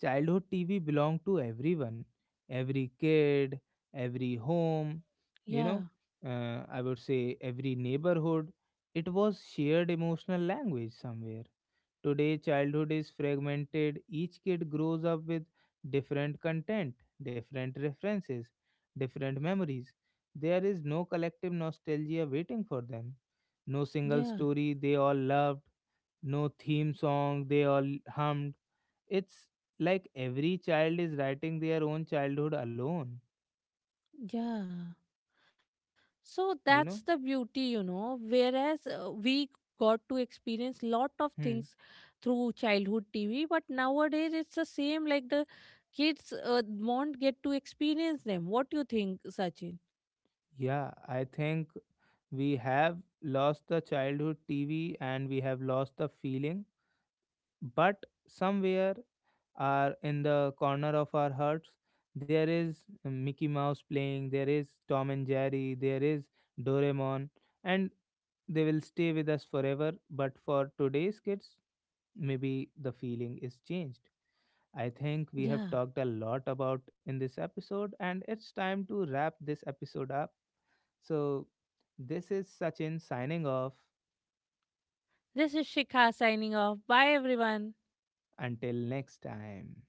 Childhood TV belonged to everyone, every kid, every home, you
Yeah,
know, I would say every neighborhood. It was shared emotional language somewhere. Today, childhood is fragmented. Each kid grows up with different content, different references, different memories. There is no collective nostalgia waiting for them, no single story
yeah,
they all loved, no theme song they all hummed. It's like every child is writing their own childhood alone,
yeah. So
you know?
that's the beauty, you know. Whereas we got to experience lot of
Hmm.
things through childhood TV, but nowadays it's the same. Like the kids won't get to experience them. What do you think, Sachin?
Yeah, I think we have lost the childhood TV and we have lost the feeling, but somewhere are in the corner of our hearts. There is Mickey Mouse playing, there is Tom and Jerry, there is Doraemon, and they will stay with us forever. But for today's kids, maybe the feeling is changed. I think we have
Yeah,
talked a lot about in this episode, and it's time to wrap this episode up. So, this is Sachin signing off.
this is Shikha signing off. Bye, everyone.
Until next time.